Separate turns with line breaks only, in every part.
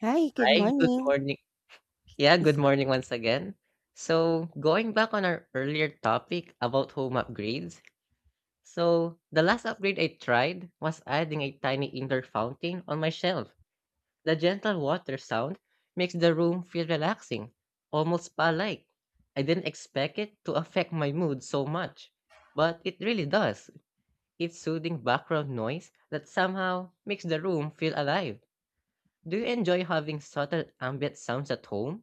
Hi, good
Hi, good
morning.
morning. Yeah, good morning once again. Going back on our earlier topic about home upgrades, the last upgrade I tried was adding a tiny indoor fountain on my shelf. The gentle water sound makes the room feel relaxing, almost spa-like. I didn't expect it to affect my mood so much, but it really does. It's soothing background noise that somehow makes the room feel alive. Do you enjoy having subtle ambient sounds at home?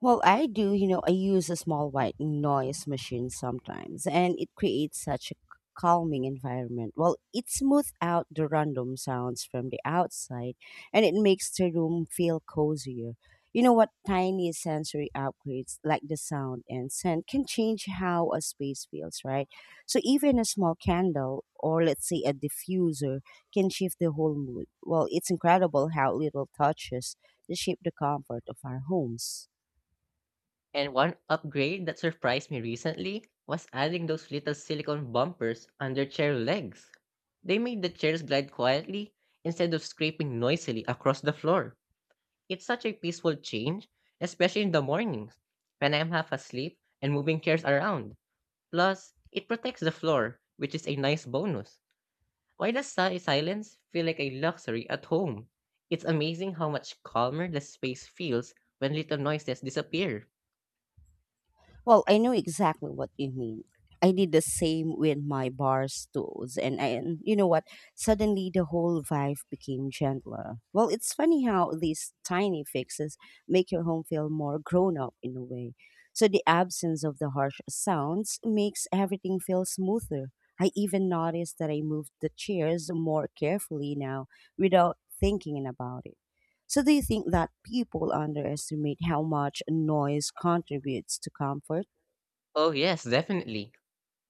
Well, I do. You know, I use a small white noise machine sometimes, and it creates such a calming environment. Well, it smooths out the random sounds from the outside and it makes the room feel cozier. You know what? Tiny sensory upgrades like the sound and scent can change how a space feels, right? So, even a small candle or let's say a diffuser can shift the whole mood. Well, it's incredible how little touches shape the comfort of our homes.
And one upgrade that surprised me recently was adding those little silicone bumpers under chair legs. They made the chairs glide quietly instead of scraping noisily across the floor. It's such a peaceful change, especially in the mornings when I'm half asleep and moving chairs around. Plus, it protects the floor, which is a nice bonus. Why does silence feel like a luxury at home? It's amazing how much calmer the space feels when little noises disappear.
Well, I know exactly what you mean. I did the same with my bar stools, and you know what? Suddenly, the whole vibe became gentler. Well, it's funny how these tiny fixes make your home feel more grown up in a way. So the absence of the harsh sounds makes everything feel smoother. I even noticed that I moved the chairs more carefully now without thinking about it. So do you think that people underestimate how much noise contributes to comfort?
Oh, yes, definitely.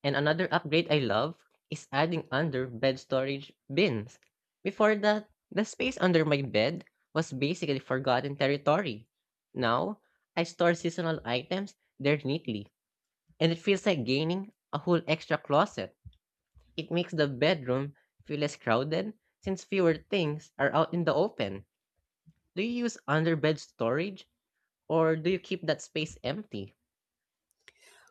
And another upgrade I love is adding under bed storage bins. Before that, the space under my bed was basically forgotten territory. Now, I store seasonal items there neatly, and it feels like gaining a whole extra closet. It makes the bedroom feel less crowded since fewer things are out in the open. Do you use under bed storage or do you keep that space empty?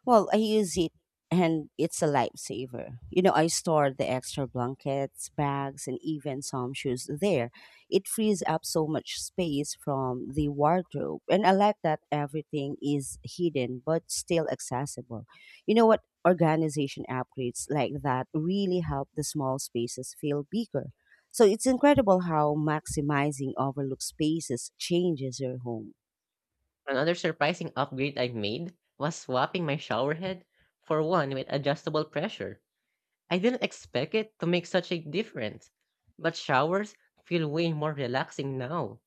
Well, I use it and it's a lifesaver. You know, I store the extra blankets, bags, and even some shoes there. It frees up so much space from the wardrobe. And I like that everything is hidden but still accessible. You know what? Organization upgrades like that really help the small spaces feel bigger. So it's incredible how maximizing overlooked spaces changes your home.
Another surprising upgrade I made was swapping my shower head for one with adjustable pressure. I didn't expect it to make such a difference, but showers feel way more relaxing now.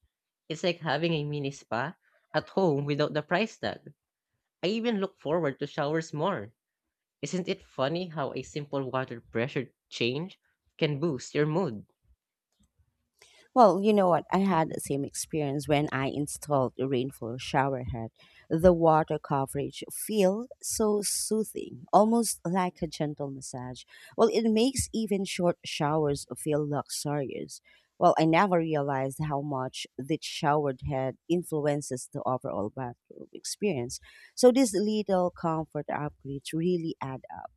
It's like having a mini spa at home without the price tag. I even look forward to showers more. Isn't it funny how a simple water pressure change can boost your mood?
Well, you know what? I had the same experience when I installed a rainfall shower head. The water coverage feel so soothing, almost like a gentle massage. Well, it makes even short showers feel luxurious. Well, I never realized how much the showered head influences the overall bathroom experience. So these little comfort upgrades really add up.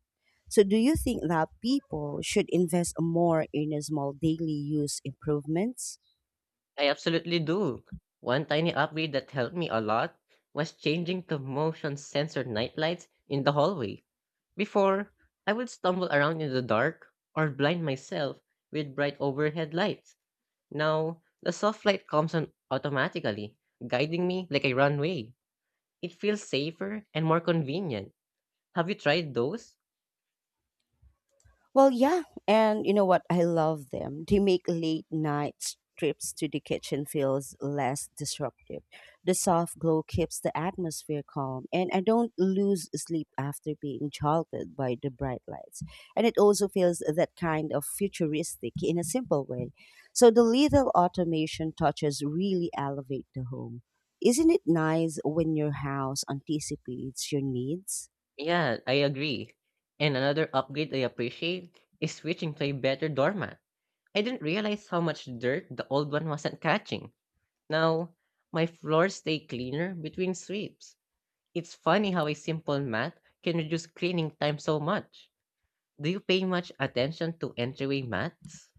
So do you think that people should invest more in a small daily use improvements?
I absolutely do. One tiny upgrade that helped me a lot was changing to motion sensor nightlights in the hallway. Before, I would stumble around in the dark or blind myself with bright overhead lights. Now, the soft light comes on automatically, guiding me like a runway. It feels safer and more convenient. Have you tried those?
Well, yeah. And you know what? I love them. They make late night trips to the kitchen feels less disruptive. The soft glow keeps the atmosphere calm, and I don't lose sleep after being jolted by the bright lights. And it also feels that kind of futuristic in a simple way. So the little automation touches really elevate the home. Isn't it nice when your house anticipates your needs?
Yeah, I agree. And another upgrade I appreciate is switching to a better doormat. I didn't realize how much dirt the old one wasn't catching. Now, my floors stay cleaner between sweeps. It's funny how a simple mat can reduce cleaning time so much. Do you pay much attention to entryway mats?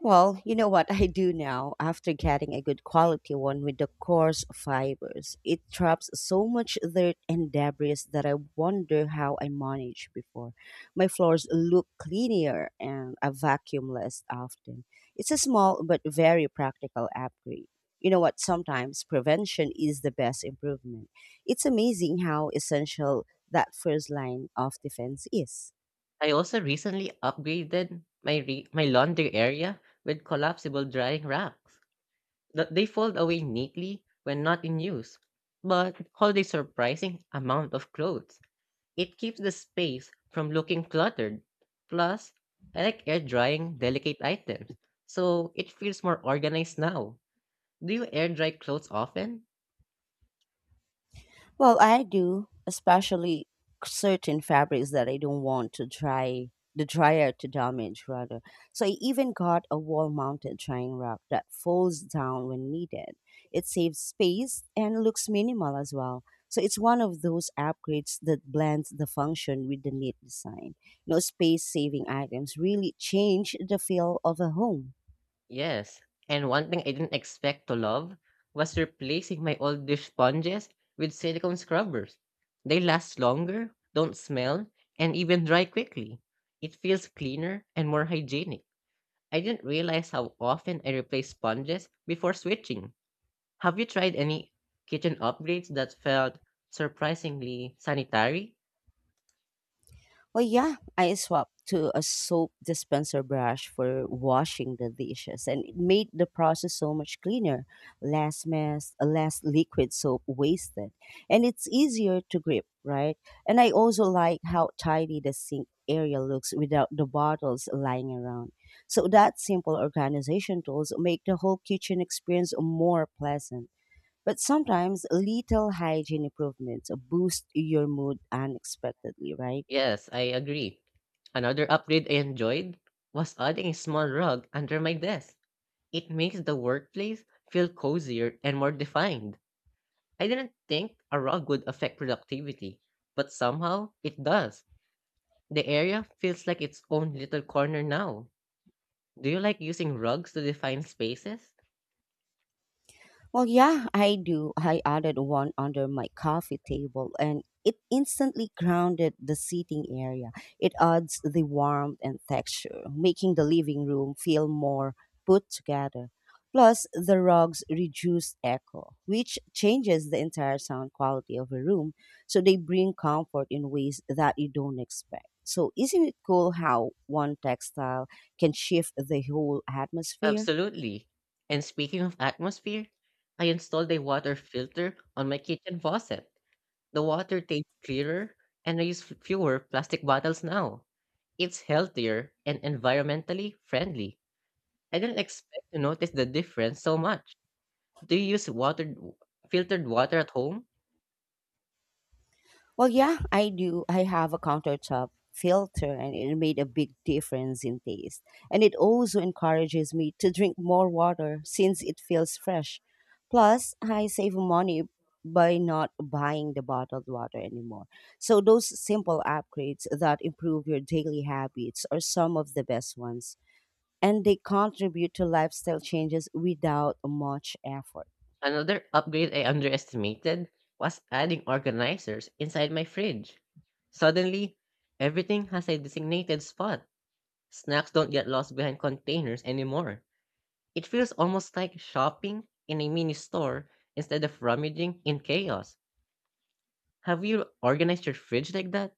Well, you know what I do now after getting a good quality one with the coarse fibers? It traps so much dirt and debris that I wonder how I managed before. My floors look cleaner and I vacuum less often. It's a small but very practical upgrade. You know what? Sometimes prevention is the best improvement. It's amazing how essential that first line of defense is.
I also recently upgraded my laundry area with collapsible drying racks. They fold away neatly when not in use, but hold a surprising amount of clothes. It keeps the space from looking cluttered. Plus, I like air drying delicate items, so it feels more organized now. Do you air dry clothes often?
Well, I do, especially certain fabrics that I don't want to dry the dryer to damage rather. So I even got a wall-mounted drying rack that folds down when needed. It saves space and looks minimal as well. So it's one of those upgrades that blends the function with the neat design. You know, space-saving items really change the feel of a home.
Yes. And one thing I didn't expect to love was replacing my old dish sponges with silicone scrubbers. They last longer, don't smell, and even dry quickly. It feels cleaner and more hygienic. I didn't realize how often I replace sponges before switching. Have you tried any kitchen upgrades that felt surprisingly sanitary?
Well, yeah, I swapped to a soap dispenser brush for washing the dishes, and it made the process so much cleaner, less mess, less liquid soap wasted, and it's easier to grip, right? And I also like how tidy the sink area looks without the bottles lying around. So that simple organization tools make the whole kitchen experience more pleasant. But sometimes little hygiene improvements boost your mood unexpectedly, right?
Yes, I agree. Another upgrade I enjoyed was adding a small rug under my desk. It makes the workplace feel cozier and more defined. I didn't think a rug would affect productivity, but somehow it does. The area feels like its own little corner now. Do you like using rugs to define spaces?
Well, yeah, I do. I added one under my coffee table and it instantly grounded the seating area. It adds the warmth and texture, making the living room feel more put together. Plus, the rugs reduce echo, which changes the entire sound quality of a room. So they bring comfort in ways that you don't expect. So, isn't it cool how one textile can shift the whole atmosphere?
Absolutely. And speaking of atmosphere, I installed a water filter on my kitchen faucet. The water tastes clearer and I use fewer plastic bottles now. It's healthier and environmentally friendly. I didn't expect to notice the difference so much. Do you use water filtered water at home?
Well, yeah, I do. I have a countertop filter and it made a big difference in taste. And it also encourages me to drink more water since it feels fresh. Plus, I save money by not buying the bottled water anymore. So, those simple upgrades that improve your daily habits are some of the best ones. And they contribute to lifestyle changes without much effort.
Another upgrade I underestimated was adding organizers inside my fridge. Suddenly, everything has a designated spot. Snacks don't get lost behind containers anymore. It feels almost like shopping in a mini store instead of rummaging in chaos. Have you organized your fridge like that?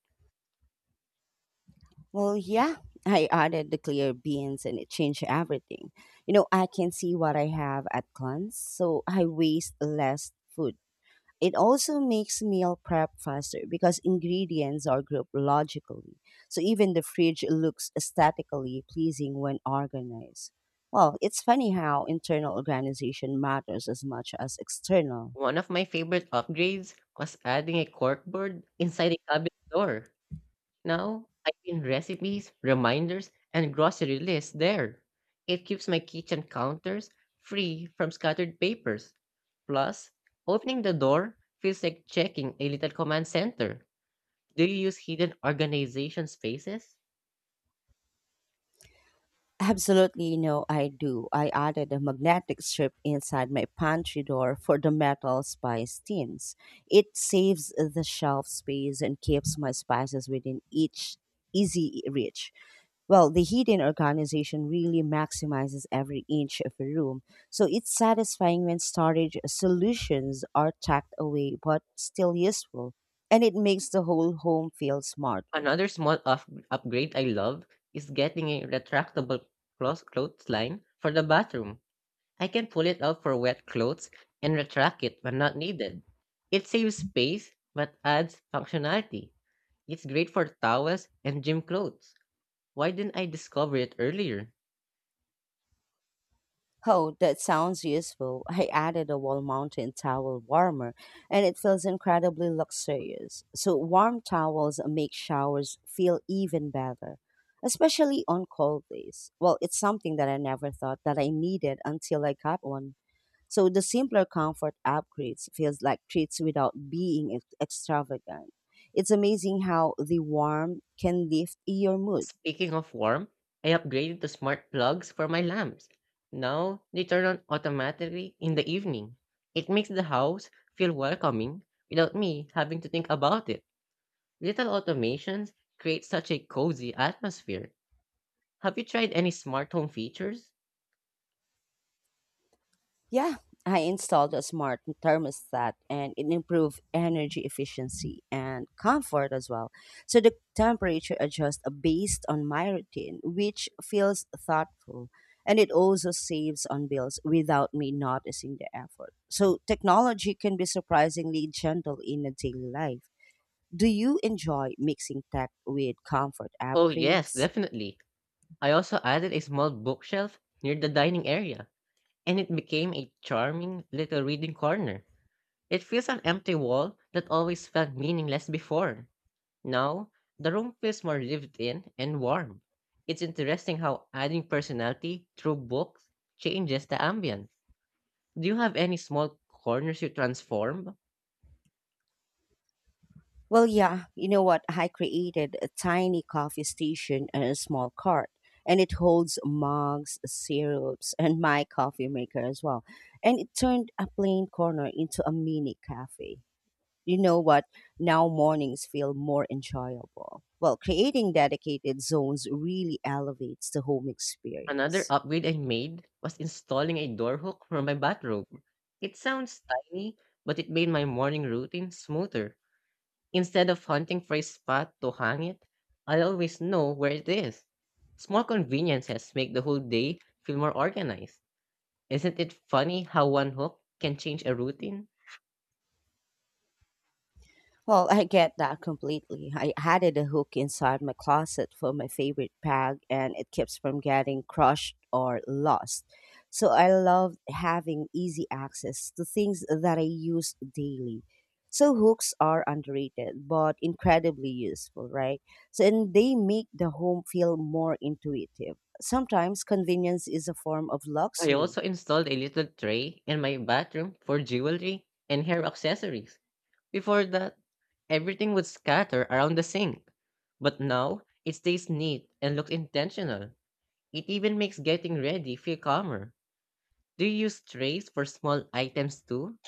Well, yeah, I added the clear beans and it changed everything. You know, I can see what I have at glance, so I waste less food. It also makes meal prep faster because ingredients are grouped logically. So even the fridge looks aesthetically pleasing when organized. Well, it's funny how internal organization matters as much as external.
One of my favorite upgrades was adding a corkboard inside a cabinet door. Now I pin recipes, reminders, and grocery lists there. It keeps my kitchen counters free from scattered papers. Plus, opening the door feels like checking a little command center. Do you use hidden organization spaces?
Absolutely no, I do. I added a magnetic strip inside my pantry door for the metal spice tins. It saves the shelf space and keeps my spices within each easy reach. Well, the hidden organization really maximizes every inch of a room, so it's satisfying when storage solutions are tucked away but still useful, and it makes the whole home feel smarter.
Another small upgrade I love is getting a retractable clothesline for the bathroom. I can pull it out for wet clothes and retract it when not needed. It saves space but adds functionality. It's great for towels and gym clothes. Why didn't I discover it earlier?
Oh, that sounds useful. I added a wall mountain towel warmer and it feels incredibly luxurious. So, warm towels make showers feel even better, especially on cold days. Well, it's something that I never thought that I needed until I got one. So, the simpler comfort upgrades feels like treats without being extravagant. It's amazing how the warm can lift your mood.
Speaking of warm, I upgraded to smart plugs for my lamps. Now they turn on automatically in the evening. It makes the house feel welcoming without me having to think about it. Little automations create such a cozy atmosphere. Have you tried any smart home features?
Yeah, I installed a smart thermostat and it improved energy efficiency and comfort as well. So the temperature adjusts based on my routine, which feels thoughtful. And it also saves on bills without me noticing the effort. So technology can be surprisingly gentle in a daily life. Do you enjoy mixing tech with comfort
Oh, yes,
upgrades?
definitely. I also added a small bookshelf near the dining area, and it became a charming little reading corner. It fills an empty wall that always felt meaningless before. Now, the room feels more lived in and warm. It's interesting how adding personality through books changes the ambience. Do you have any small corners you transform?
Well, yeah, you know what? I created a tiny coffee station and a small cart, and it holds mugs, syrups, and my coffee maker as well. And it turned a plain corner into a mini cafe. You know what? Now mornings feel more enjoyable. Well, creating dedicated zones really elevates the home
Another
experience.
upgrade I made was installing a door hook for my bathrobe. It sounds tiny, but it made my morning routine smoother. Instead of hunting for a spot to hang it, I always know where it is. Small conveniences make the whole day feel more organized. Isn't it funny how one hook can change a routine?
Well, I get that completely. I added a hook inside my closet for my favorite bag and it keeps from getting crushed or lost. So I love having easy access to things that I use daily. So hooks are underrated but incredibly useful, right? So and they make the home feel more intuitive. Sometimes convenience is a form of
I
luxury.
also installed a little tray in my bathroom for jewelry and hair accessories. Before that, everything would scatter around the sink. But now, it stays neat and looks intentional. It even makes getting ready feel calmer. Do you use trays for small items too?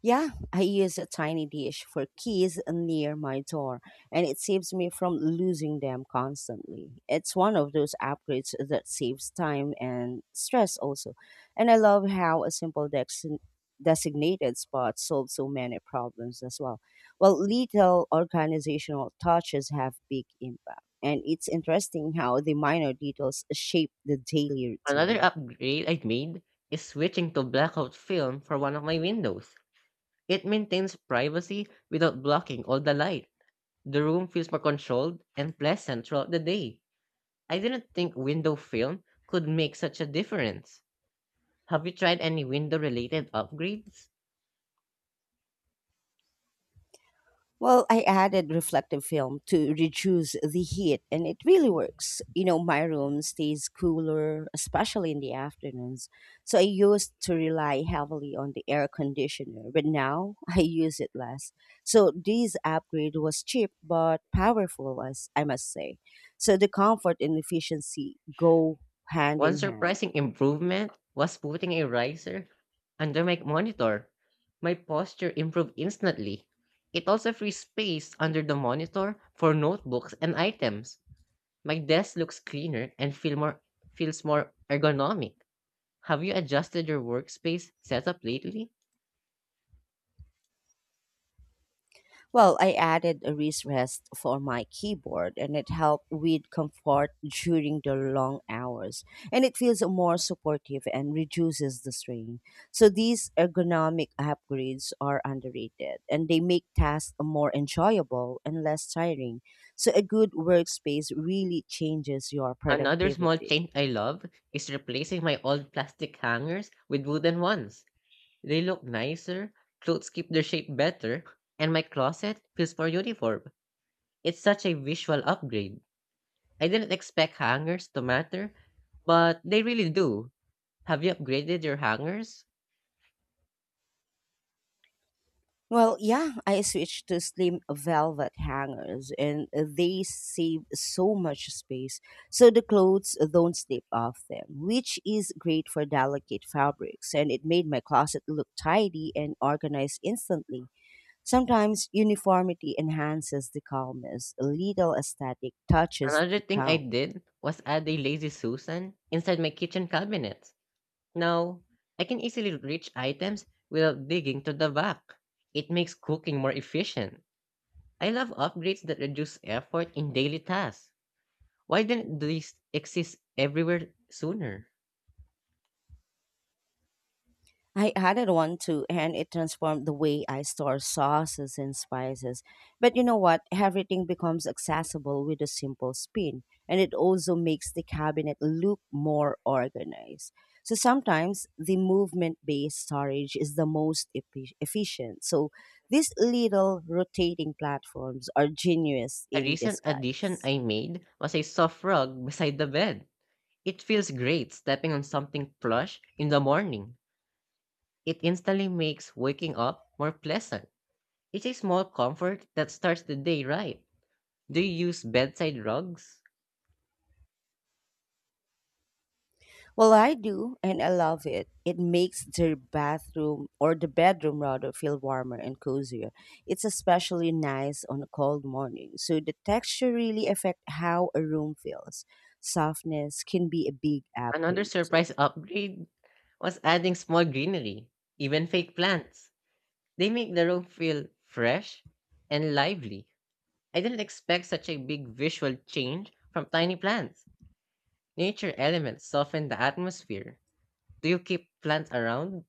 Yeah, I use a tiny dish for keys near my door, and it saves me from losing them constantly. It's one of those upgrades that saves time and stress, also. And I love how a simple designated spot solves so many problems as well. Well, little organizational touches have big impact, and it's interesting how the minor details shape the daily
Another
routine.
upgrade I made is switching to blackout film for one of my windows. It maintains privacy without blocking all the light. The room feels more controlled and pleasant throughout the day. I didn't think window film could make such a difference. Have you tried any window related upgrades?
Well, I added reflective film to reduce the heat, and it really works. You know, my room stays cooler, especially in the afternoons. So I used to rely heavily on the air conditioner, but now I use it less. So this upgrade was cheap but powerful, as I must say. So the comfort and efficiency go hand
One
in hand.
surprising improvement was putting a riser under my monitor. My posture improved instantly. It also frees space under the monitor for notebooks and items. My desk looks cleaner and feels more ergonomic. Have you adjusted your workspace setup lately?
Well, I added a wrist rest for my keyboard and it helped with comfort during the long hours. And it feels more supportive and reduces the strain. So these ergonomic upgrades are underrated and they make tasks more enjoyable and less tiring. So a good workspace really changes your
Another small
productivity.
change I love is replacing my old plastic hangers with wooden ones. They look nicer, clothes keep their shape better, and my closet feels more uniform. It's such a visual upgrade. I didn't expect hangers to matter, but they really do. Have you upgraded your hangers?
Well, yeah, I switched to slim velvet hangers and they save so much space. So the clothes don't slip off them, which is great for delicate fabrics. And it made my closet look tidy and organized instantly. Sometimes uniformity enhances the calmness, a little aesthetic touches
Another
the
thing I
count.
did was add a Lazy Susan inside my kitchen cabinet. Now, I can easily reach items without digging to the back. It makes cooking more efficient. I love upgrades that reduce effort in daily tasks. Why didn't these exist everywhere sooner?
I added one too, and it transformed the way I store sauces and spices. But you know what? Everything becomes accessible with a simple spin, and it also makes the cabinet look more organized. So sometimes the movement based storage is the most efficient. So these little rotating platforms are genius
A
in
recent addition
disguise.
I made was a soft rug beside the bed. It feels great stepping on something plush in the morning. It instantly makes waking up more pleasant. It's a small comfort that starts the day right. Do you use bedside rugs?
Well, I do, and I love it. It makes the bathroom or the bedroom rather feel warmer and cozier. It's especially nice on a cold morning. So the texture really affect how a room feels. Softness can be a big
Another
upgrade.
surprise upgrade was adding small greenery, even fake plants. They make the room feel fresh and lively. I didn't expect such a big visual change from tiny plants. Nature elements soften the atmosphere. Do you keep plants around?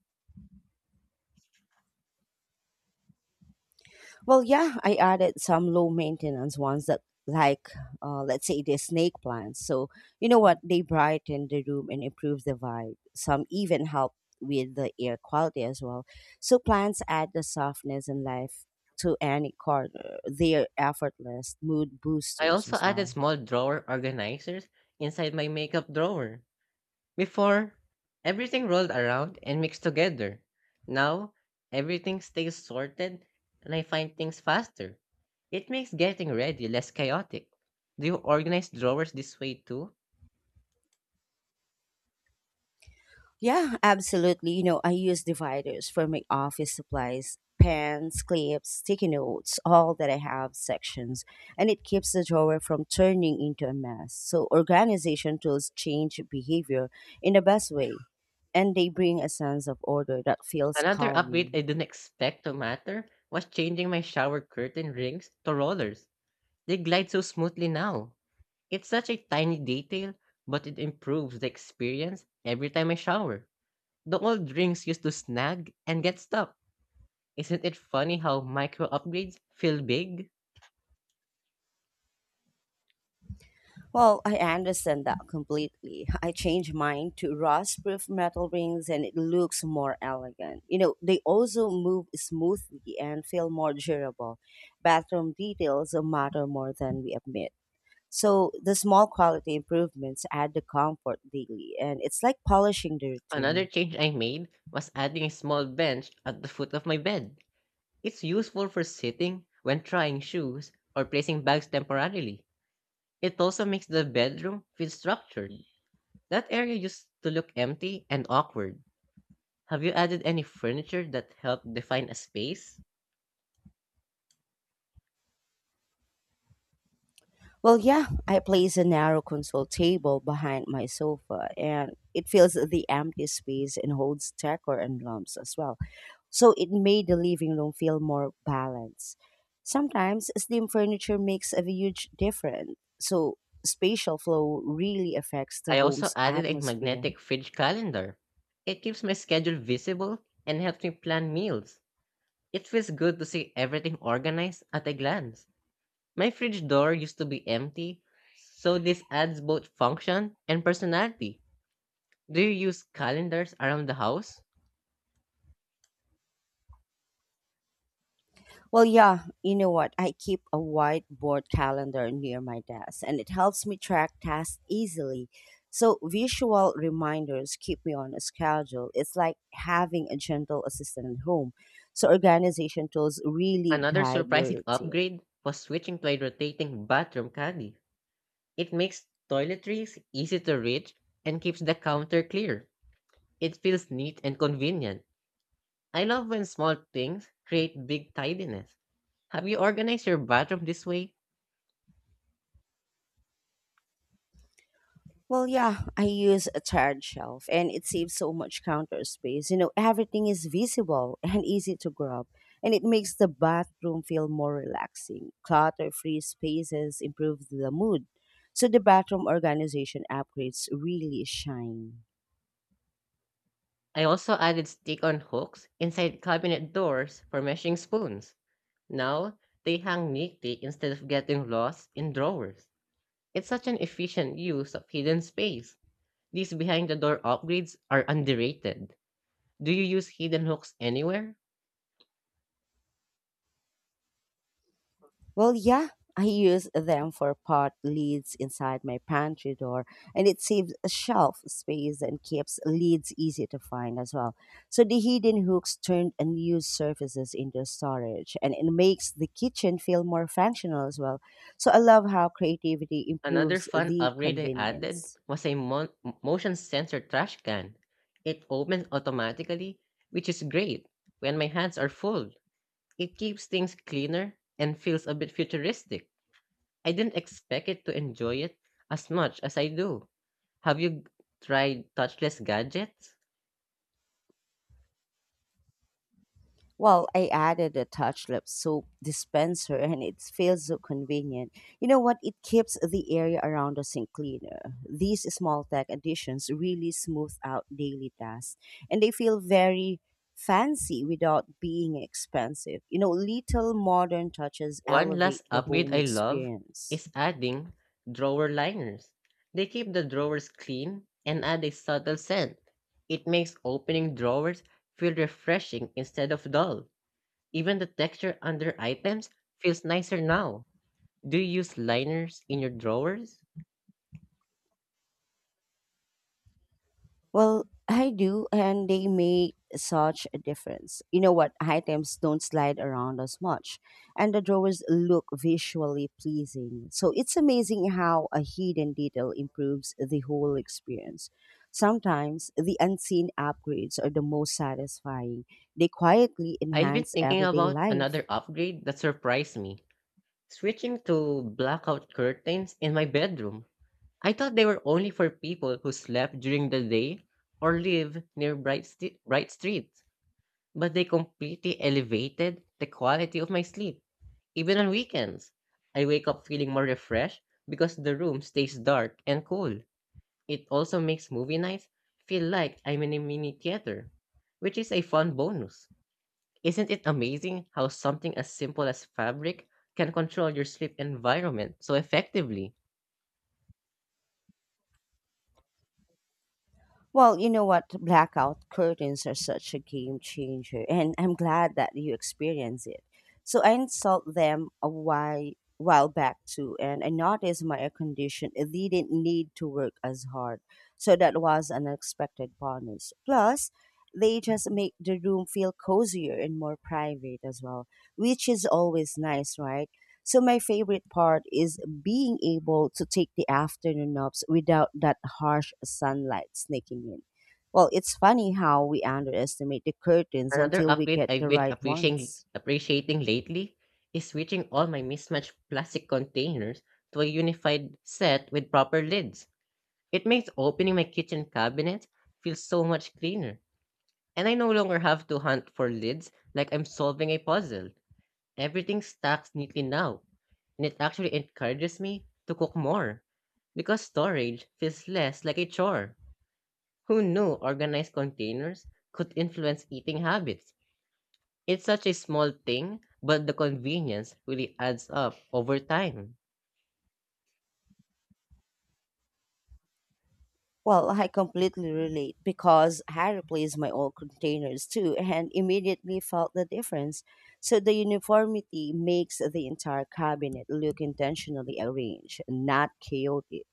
Well, yeah, I added some low maintenance ones that, like, let's say the snake plants. So, you know what? They brighten the room and improve the vibe. Some even help with the air quality as well. So, plants add the softness and life to any corner. They're effortless mood
I
boosters
also
as
added
well.
small drawer organizers inside my makeup drawer. Before, everything rolled around and mixed together. Now, everything stays sorted and I find things faster. It makes getting ready less chaotic. Do you organize drawers this way too?
Yeah, absolutely. You know, I use dividers for my office supplies, pens, clips, sticky notes, all that I have sections, and it keeps the drawer from turning into a mess. So, organization tools change behavior in the best way, and they bring a sense of order that feels
Another upgrade
calming.
I didn't expect to matter was changing my shower curtain rings to rollers. They glide so smoothly now. It's such a tiny detail, but it improves the experience every time I shower. The old rings used to snag and get stuck. Isn't it funny how micro upgrades feel big?
Well, I understand that completely. I changed mine to rust-proof metal rings and it looks more elegant. You know, they also move smoothly and feel more durable. Bathroom details matter more than we admit. So the small quality improvements add the comfort daily and it's like polishing the
Another
routine.
change I made was adding a small bench at the foot of my bed. It's useful for sitting when trying shoes or placing bags temporarily. It also makes the bedroom feel structured. That area used to look empty and awkward. Have you added any furniture that helped define a space?
Well, yeah, I place a narrow console table behind my sofa, and it fills the empty space and holds decor and lamps as well. So it made the living room feel more balanced. Sometimes slim furniture makes a huge difference. So spatial flow really affects the
I also
home's
added a
atmosphere.
magnetic fridge calendar. It keeps my schedule visible and helps me plan meals. It feels good to see everything organized at a glance. My fridge door used to be empty, so this adds both function and personality. Do you use calendars around the house?
Well, yeah, you know what? I keep a whiteboard calendar near my desk and it helps me track tasks easily. So, visual reminders keep me on a schedule. It's like having a gentle assistant at home. So, organization tools really
Another
guide your
surprising
routine.
upgrade was switching to a rotating bathroom caddy. It makes toiletries easy to reach and keeps the counter clear. It feels neat and convenient. I love when small things create big tidiness. Have you organized your bathroom this way?
Well, yeah, I use a tiered shelf and it saves so much counter space. You know, everything is visible and easy to grab, and it makes the bathroom feel more relaxing. Clutter free spaces improve the mood. So the bathroom organization upgrades really shine.
I also added stick on hooks inside cabinet doors for measuring spoons. Now they hang neatly instead of getting lost in drawers. It's such an efficient use of hidden space. These behind the door upgrades are underrated. Do you use hidden hooks anywhere?
Well, yeah, I use them for pot lids inside my pantry door, and it saves shelf space and keeps lids easy to find as well. So the hidden hooks turn unused surfaces into storage, and it makes the kitchen feel more functional as well. So I love how creativity
Another
improves
fun
the
upgrade I added
convenience.
was a motion sensor trash can. It opens automatically, which is great when my hands are full. It keeps things cleaner and feels a bit futuristic. I didn't expect it to enjoy it as much as I do. Have you tried touchless gadgets?
Well, I added a touch lip soap dispenser and it feels so convenient. You know what? It keeps the area around us in cleaner. These small tech additions really smooth out daily tasks and they feel very fancy without being expensive. You know, little modern touches
One last
elevate the
upgrade
home
I love
experience.
is adding drawer liners. They keep the drawers clean and add a subtle scent. It makes opening drawers feel refreshing instead of dull. Even the texture under items feels nicer now. Do you use liners in your drawers?
Well, I do, and they make such a difference. You know what? Items don't slide around as much, and the drawers look visually pleasing. So it's amazing how a hidden detail improves the whole experience. Sometimes the unseen upgrades are the most satisfying, they quietly
I've been
enhance
thinking
everyday
about
life.
another upgrade that surprised me switching to blackout curtains in my bedroom. I thought they were only for people who slept during the day or live near bright streets, but they completely elevated the quality of my sleep. Even on weekends, I wake up feeling more refreshed because the room stays dark and cool. It also makes movie nights feel like I'm in a mini theater, which is a fun bonus. Isn't it amazing how something as simple as fabric can control your sleep environment so effectively?
Well, you know what? Blackout curtains are such a game changer, and I'm glad that you experience it. So I installed them a while back too, and I noticed my air condition it didn't need to work as hard. So that was an unexpected bonus. Plus, they just make the room feel cozier and more private as well, which is always nice, right? So my favorite part is being able to take the afternoon naps without that harsh sunlight sneaking in. Well, it's funny how we underestimate the curtains
Another
until we
update
get
I've
the
been
right
appreciating
ones.
appreciating lately is switching all my mismatched plastic containers to a unified set with proper lids. It makes opening my kitchen cabinet feel so much cleaner. And I no longer have to hunt for lids like I'm solving a puzzle. Everything stacks neatly now, and it actually encourages me to cook more because storage feels less like a chore. Who knew organized containers could influence eating habits? It's such a small thing, but the convenience really adds up over time.
Well, I completely relate because I replaced my old containers too and immediately felt the difference. So the uniformity makes the entire cabinet look intentionally arranged, not chaotic.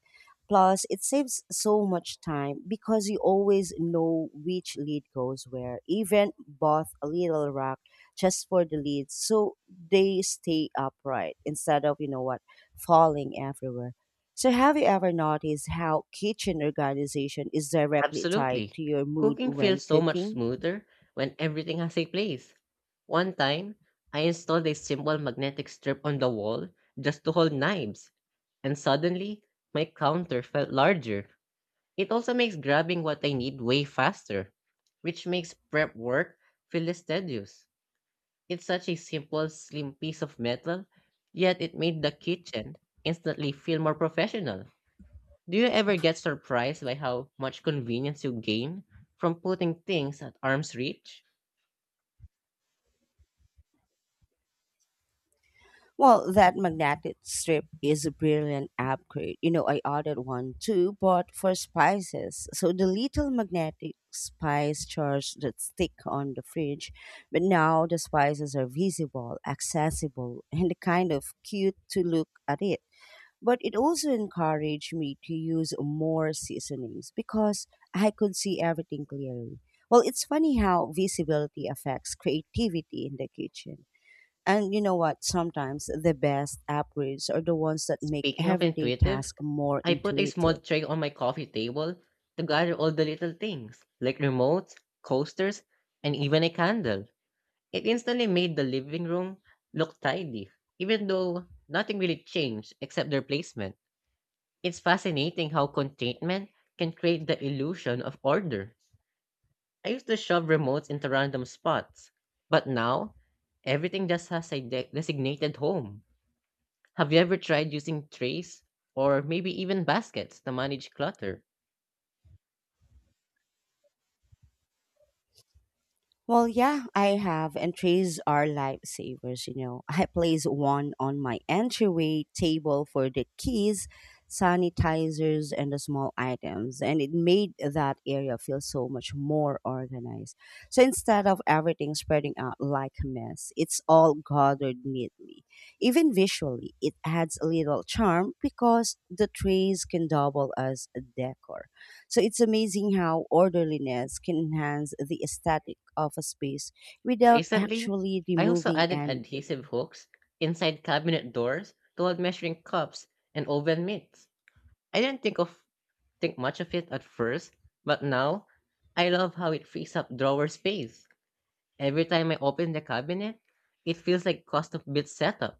Plus, it saves so much time because you always know which lead goes where. Even bought a little rack just for the leads so they stay upright instead of, falling everywhere. So, have you ever noticed how kitchen organization is directly tied
Absolutely.
to your mood
Cooking
when
feels so much
cooking?
smoother when everything has a place. One time, I installed a simple magnetic strip on the wall just to hold knives, and suddenly, my counter felt larger. It also makes grabbing what I need way faster, which makes prep work feel less tedious. It's such a simple, slim piece of metal, yet it made the kitchen instantly feel more professional. Do you ever get surprised by how much convenience you gain from putting things at arm's reach?
Well, that magnetic strip is a brilliant upgrade. You know, I ordered one too, but for spices. So the little magnetic spice charge that stick on the fridge, but now the spices are visible, accessible, and kind of cute to look at it. But it also encouraged me to use more seasonings because I could see everything clearly. Well, it's funny how visibility affects creativity in the kitchen. And you know what? Sometimes the best upgrades are the ones that make
Speaking of
everyday
intuitive,
tasks more
I put a small
intuitive.
tray on my coffee table to gather all the little things, like remotes, coasters, and even a candle. It instantly made the living room look tidy, even though nothing really changed except their placement. It's fascinating how contentment can create the illusion of order. I used to shove remotes into random spots, but now everything just has a designated home. Have you ever tried using trays or maybe even baskets to manage clutter?
Well, yeah, I have, and trays are lifesavers, you know. I place one on my entryway table for the keys, sanitizers, and the small items, and it made that area feel so much more organized. So instead of everything spreading out like a mess, it's all gathered neatly. Even visually, it adds a little charm because the trays can double as a decor. So it's amazing how orderliness can enhance the aesthetic of a space without
Recently,
actually
I also
removing
added adhesive
anything.
hooks inside cabinet doors to hold measuring cups and oven mitts. I didn't think much of it at first, but now I love how it frees up drawer space. Every time I open the cabinet, it feels like custom built setup.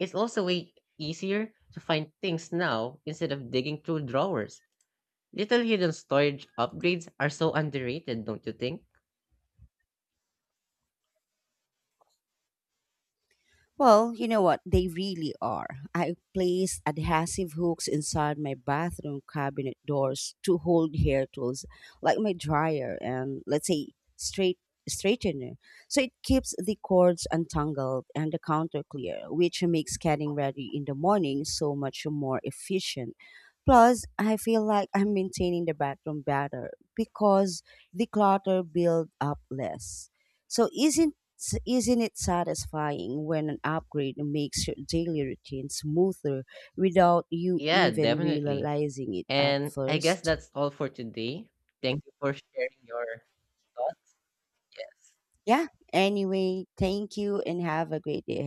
It's also way easier to find things now instead of digging through drawers. Little hidden storage upgrades are so underrated, don't you think?
Well, you know what? They really are. I place adhesive hooks inside my bathroom cabinet doors to hold hair tools, like my dryer and let's say straight straightener. So it keeps the cords untangled and the counter clear, which makes getting ready in the morning so much more efficient. Plus, I feel like I'm maintaining the bathroom better because the clutter build up less. So isn't it satisfying when an upgrade makes your daily routine smoother without you
Yeah,
even
definitely.
realizing it at
And I guess
first?
that's all for today. Thank you for sharing your thoughts.
Yeah. Anyway, thank you and have a great day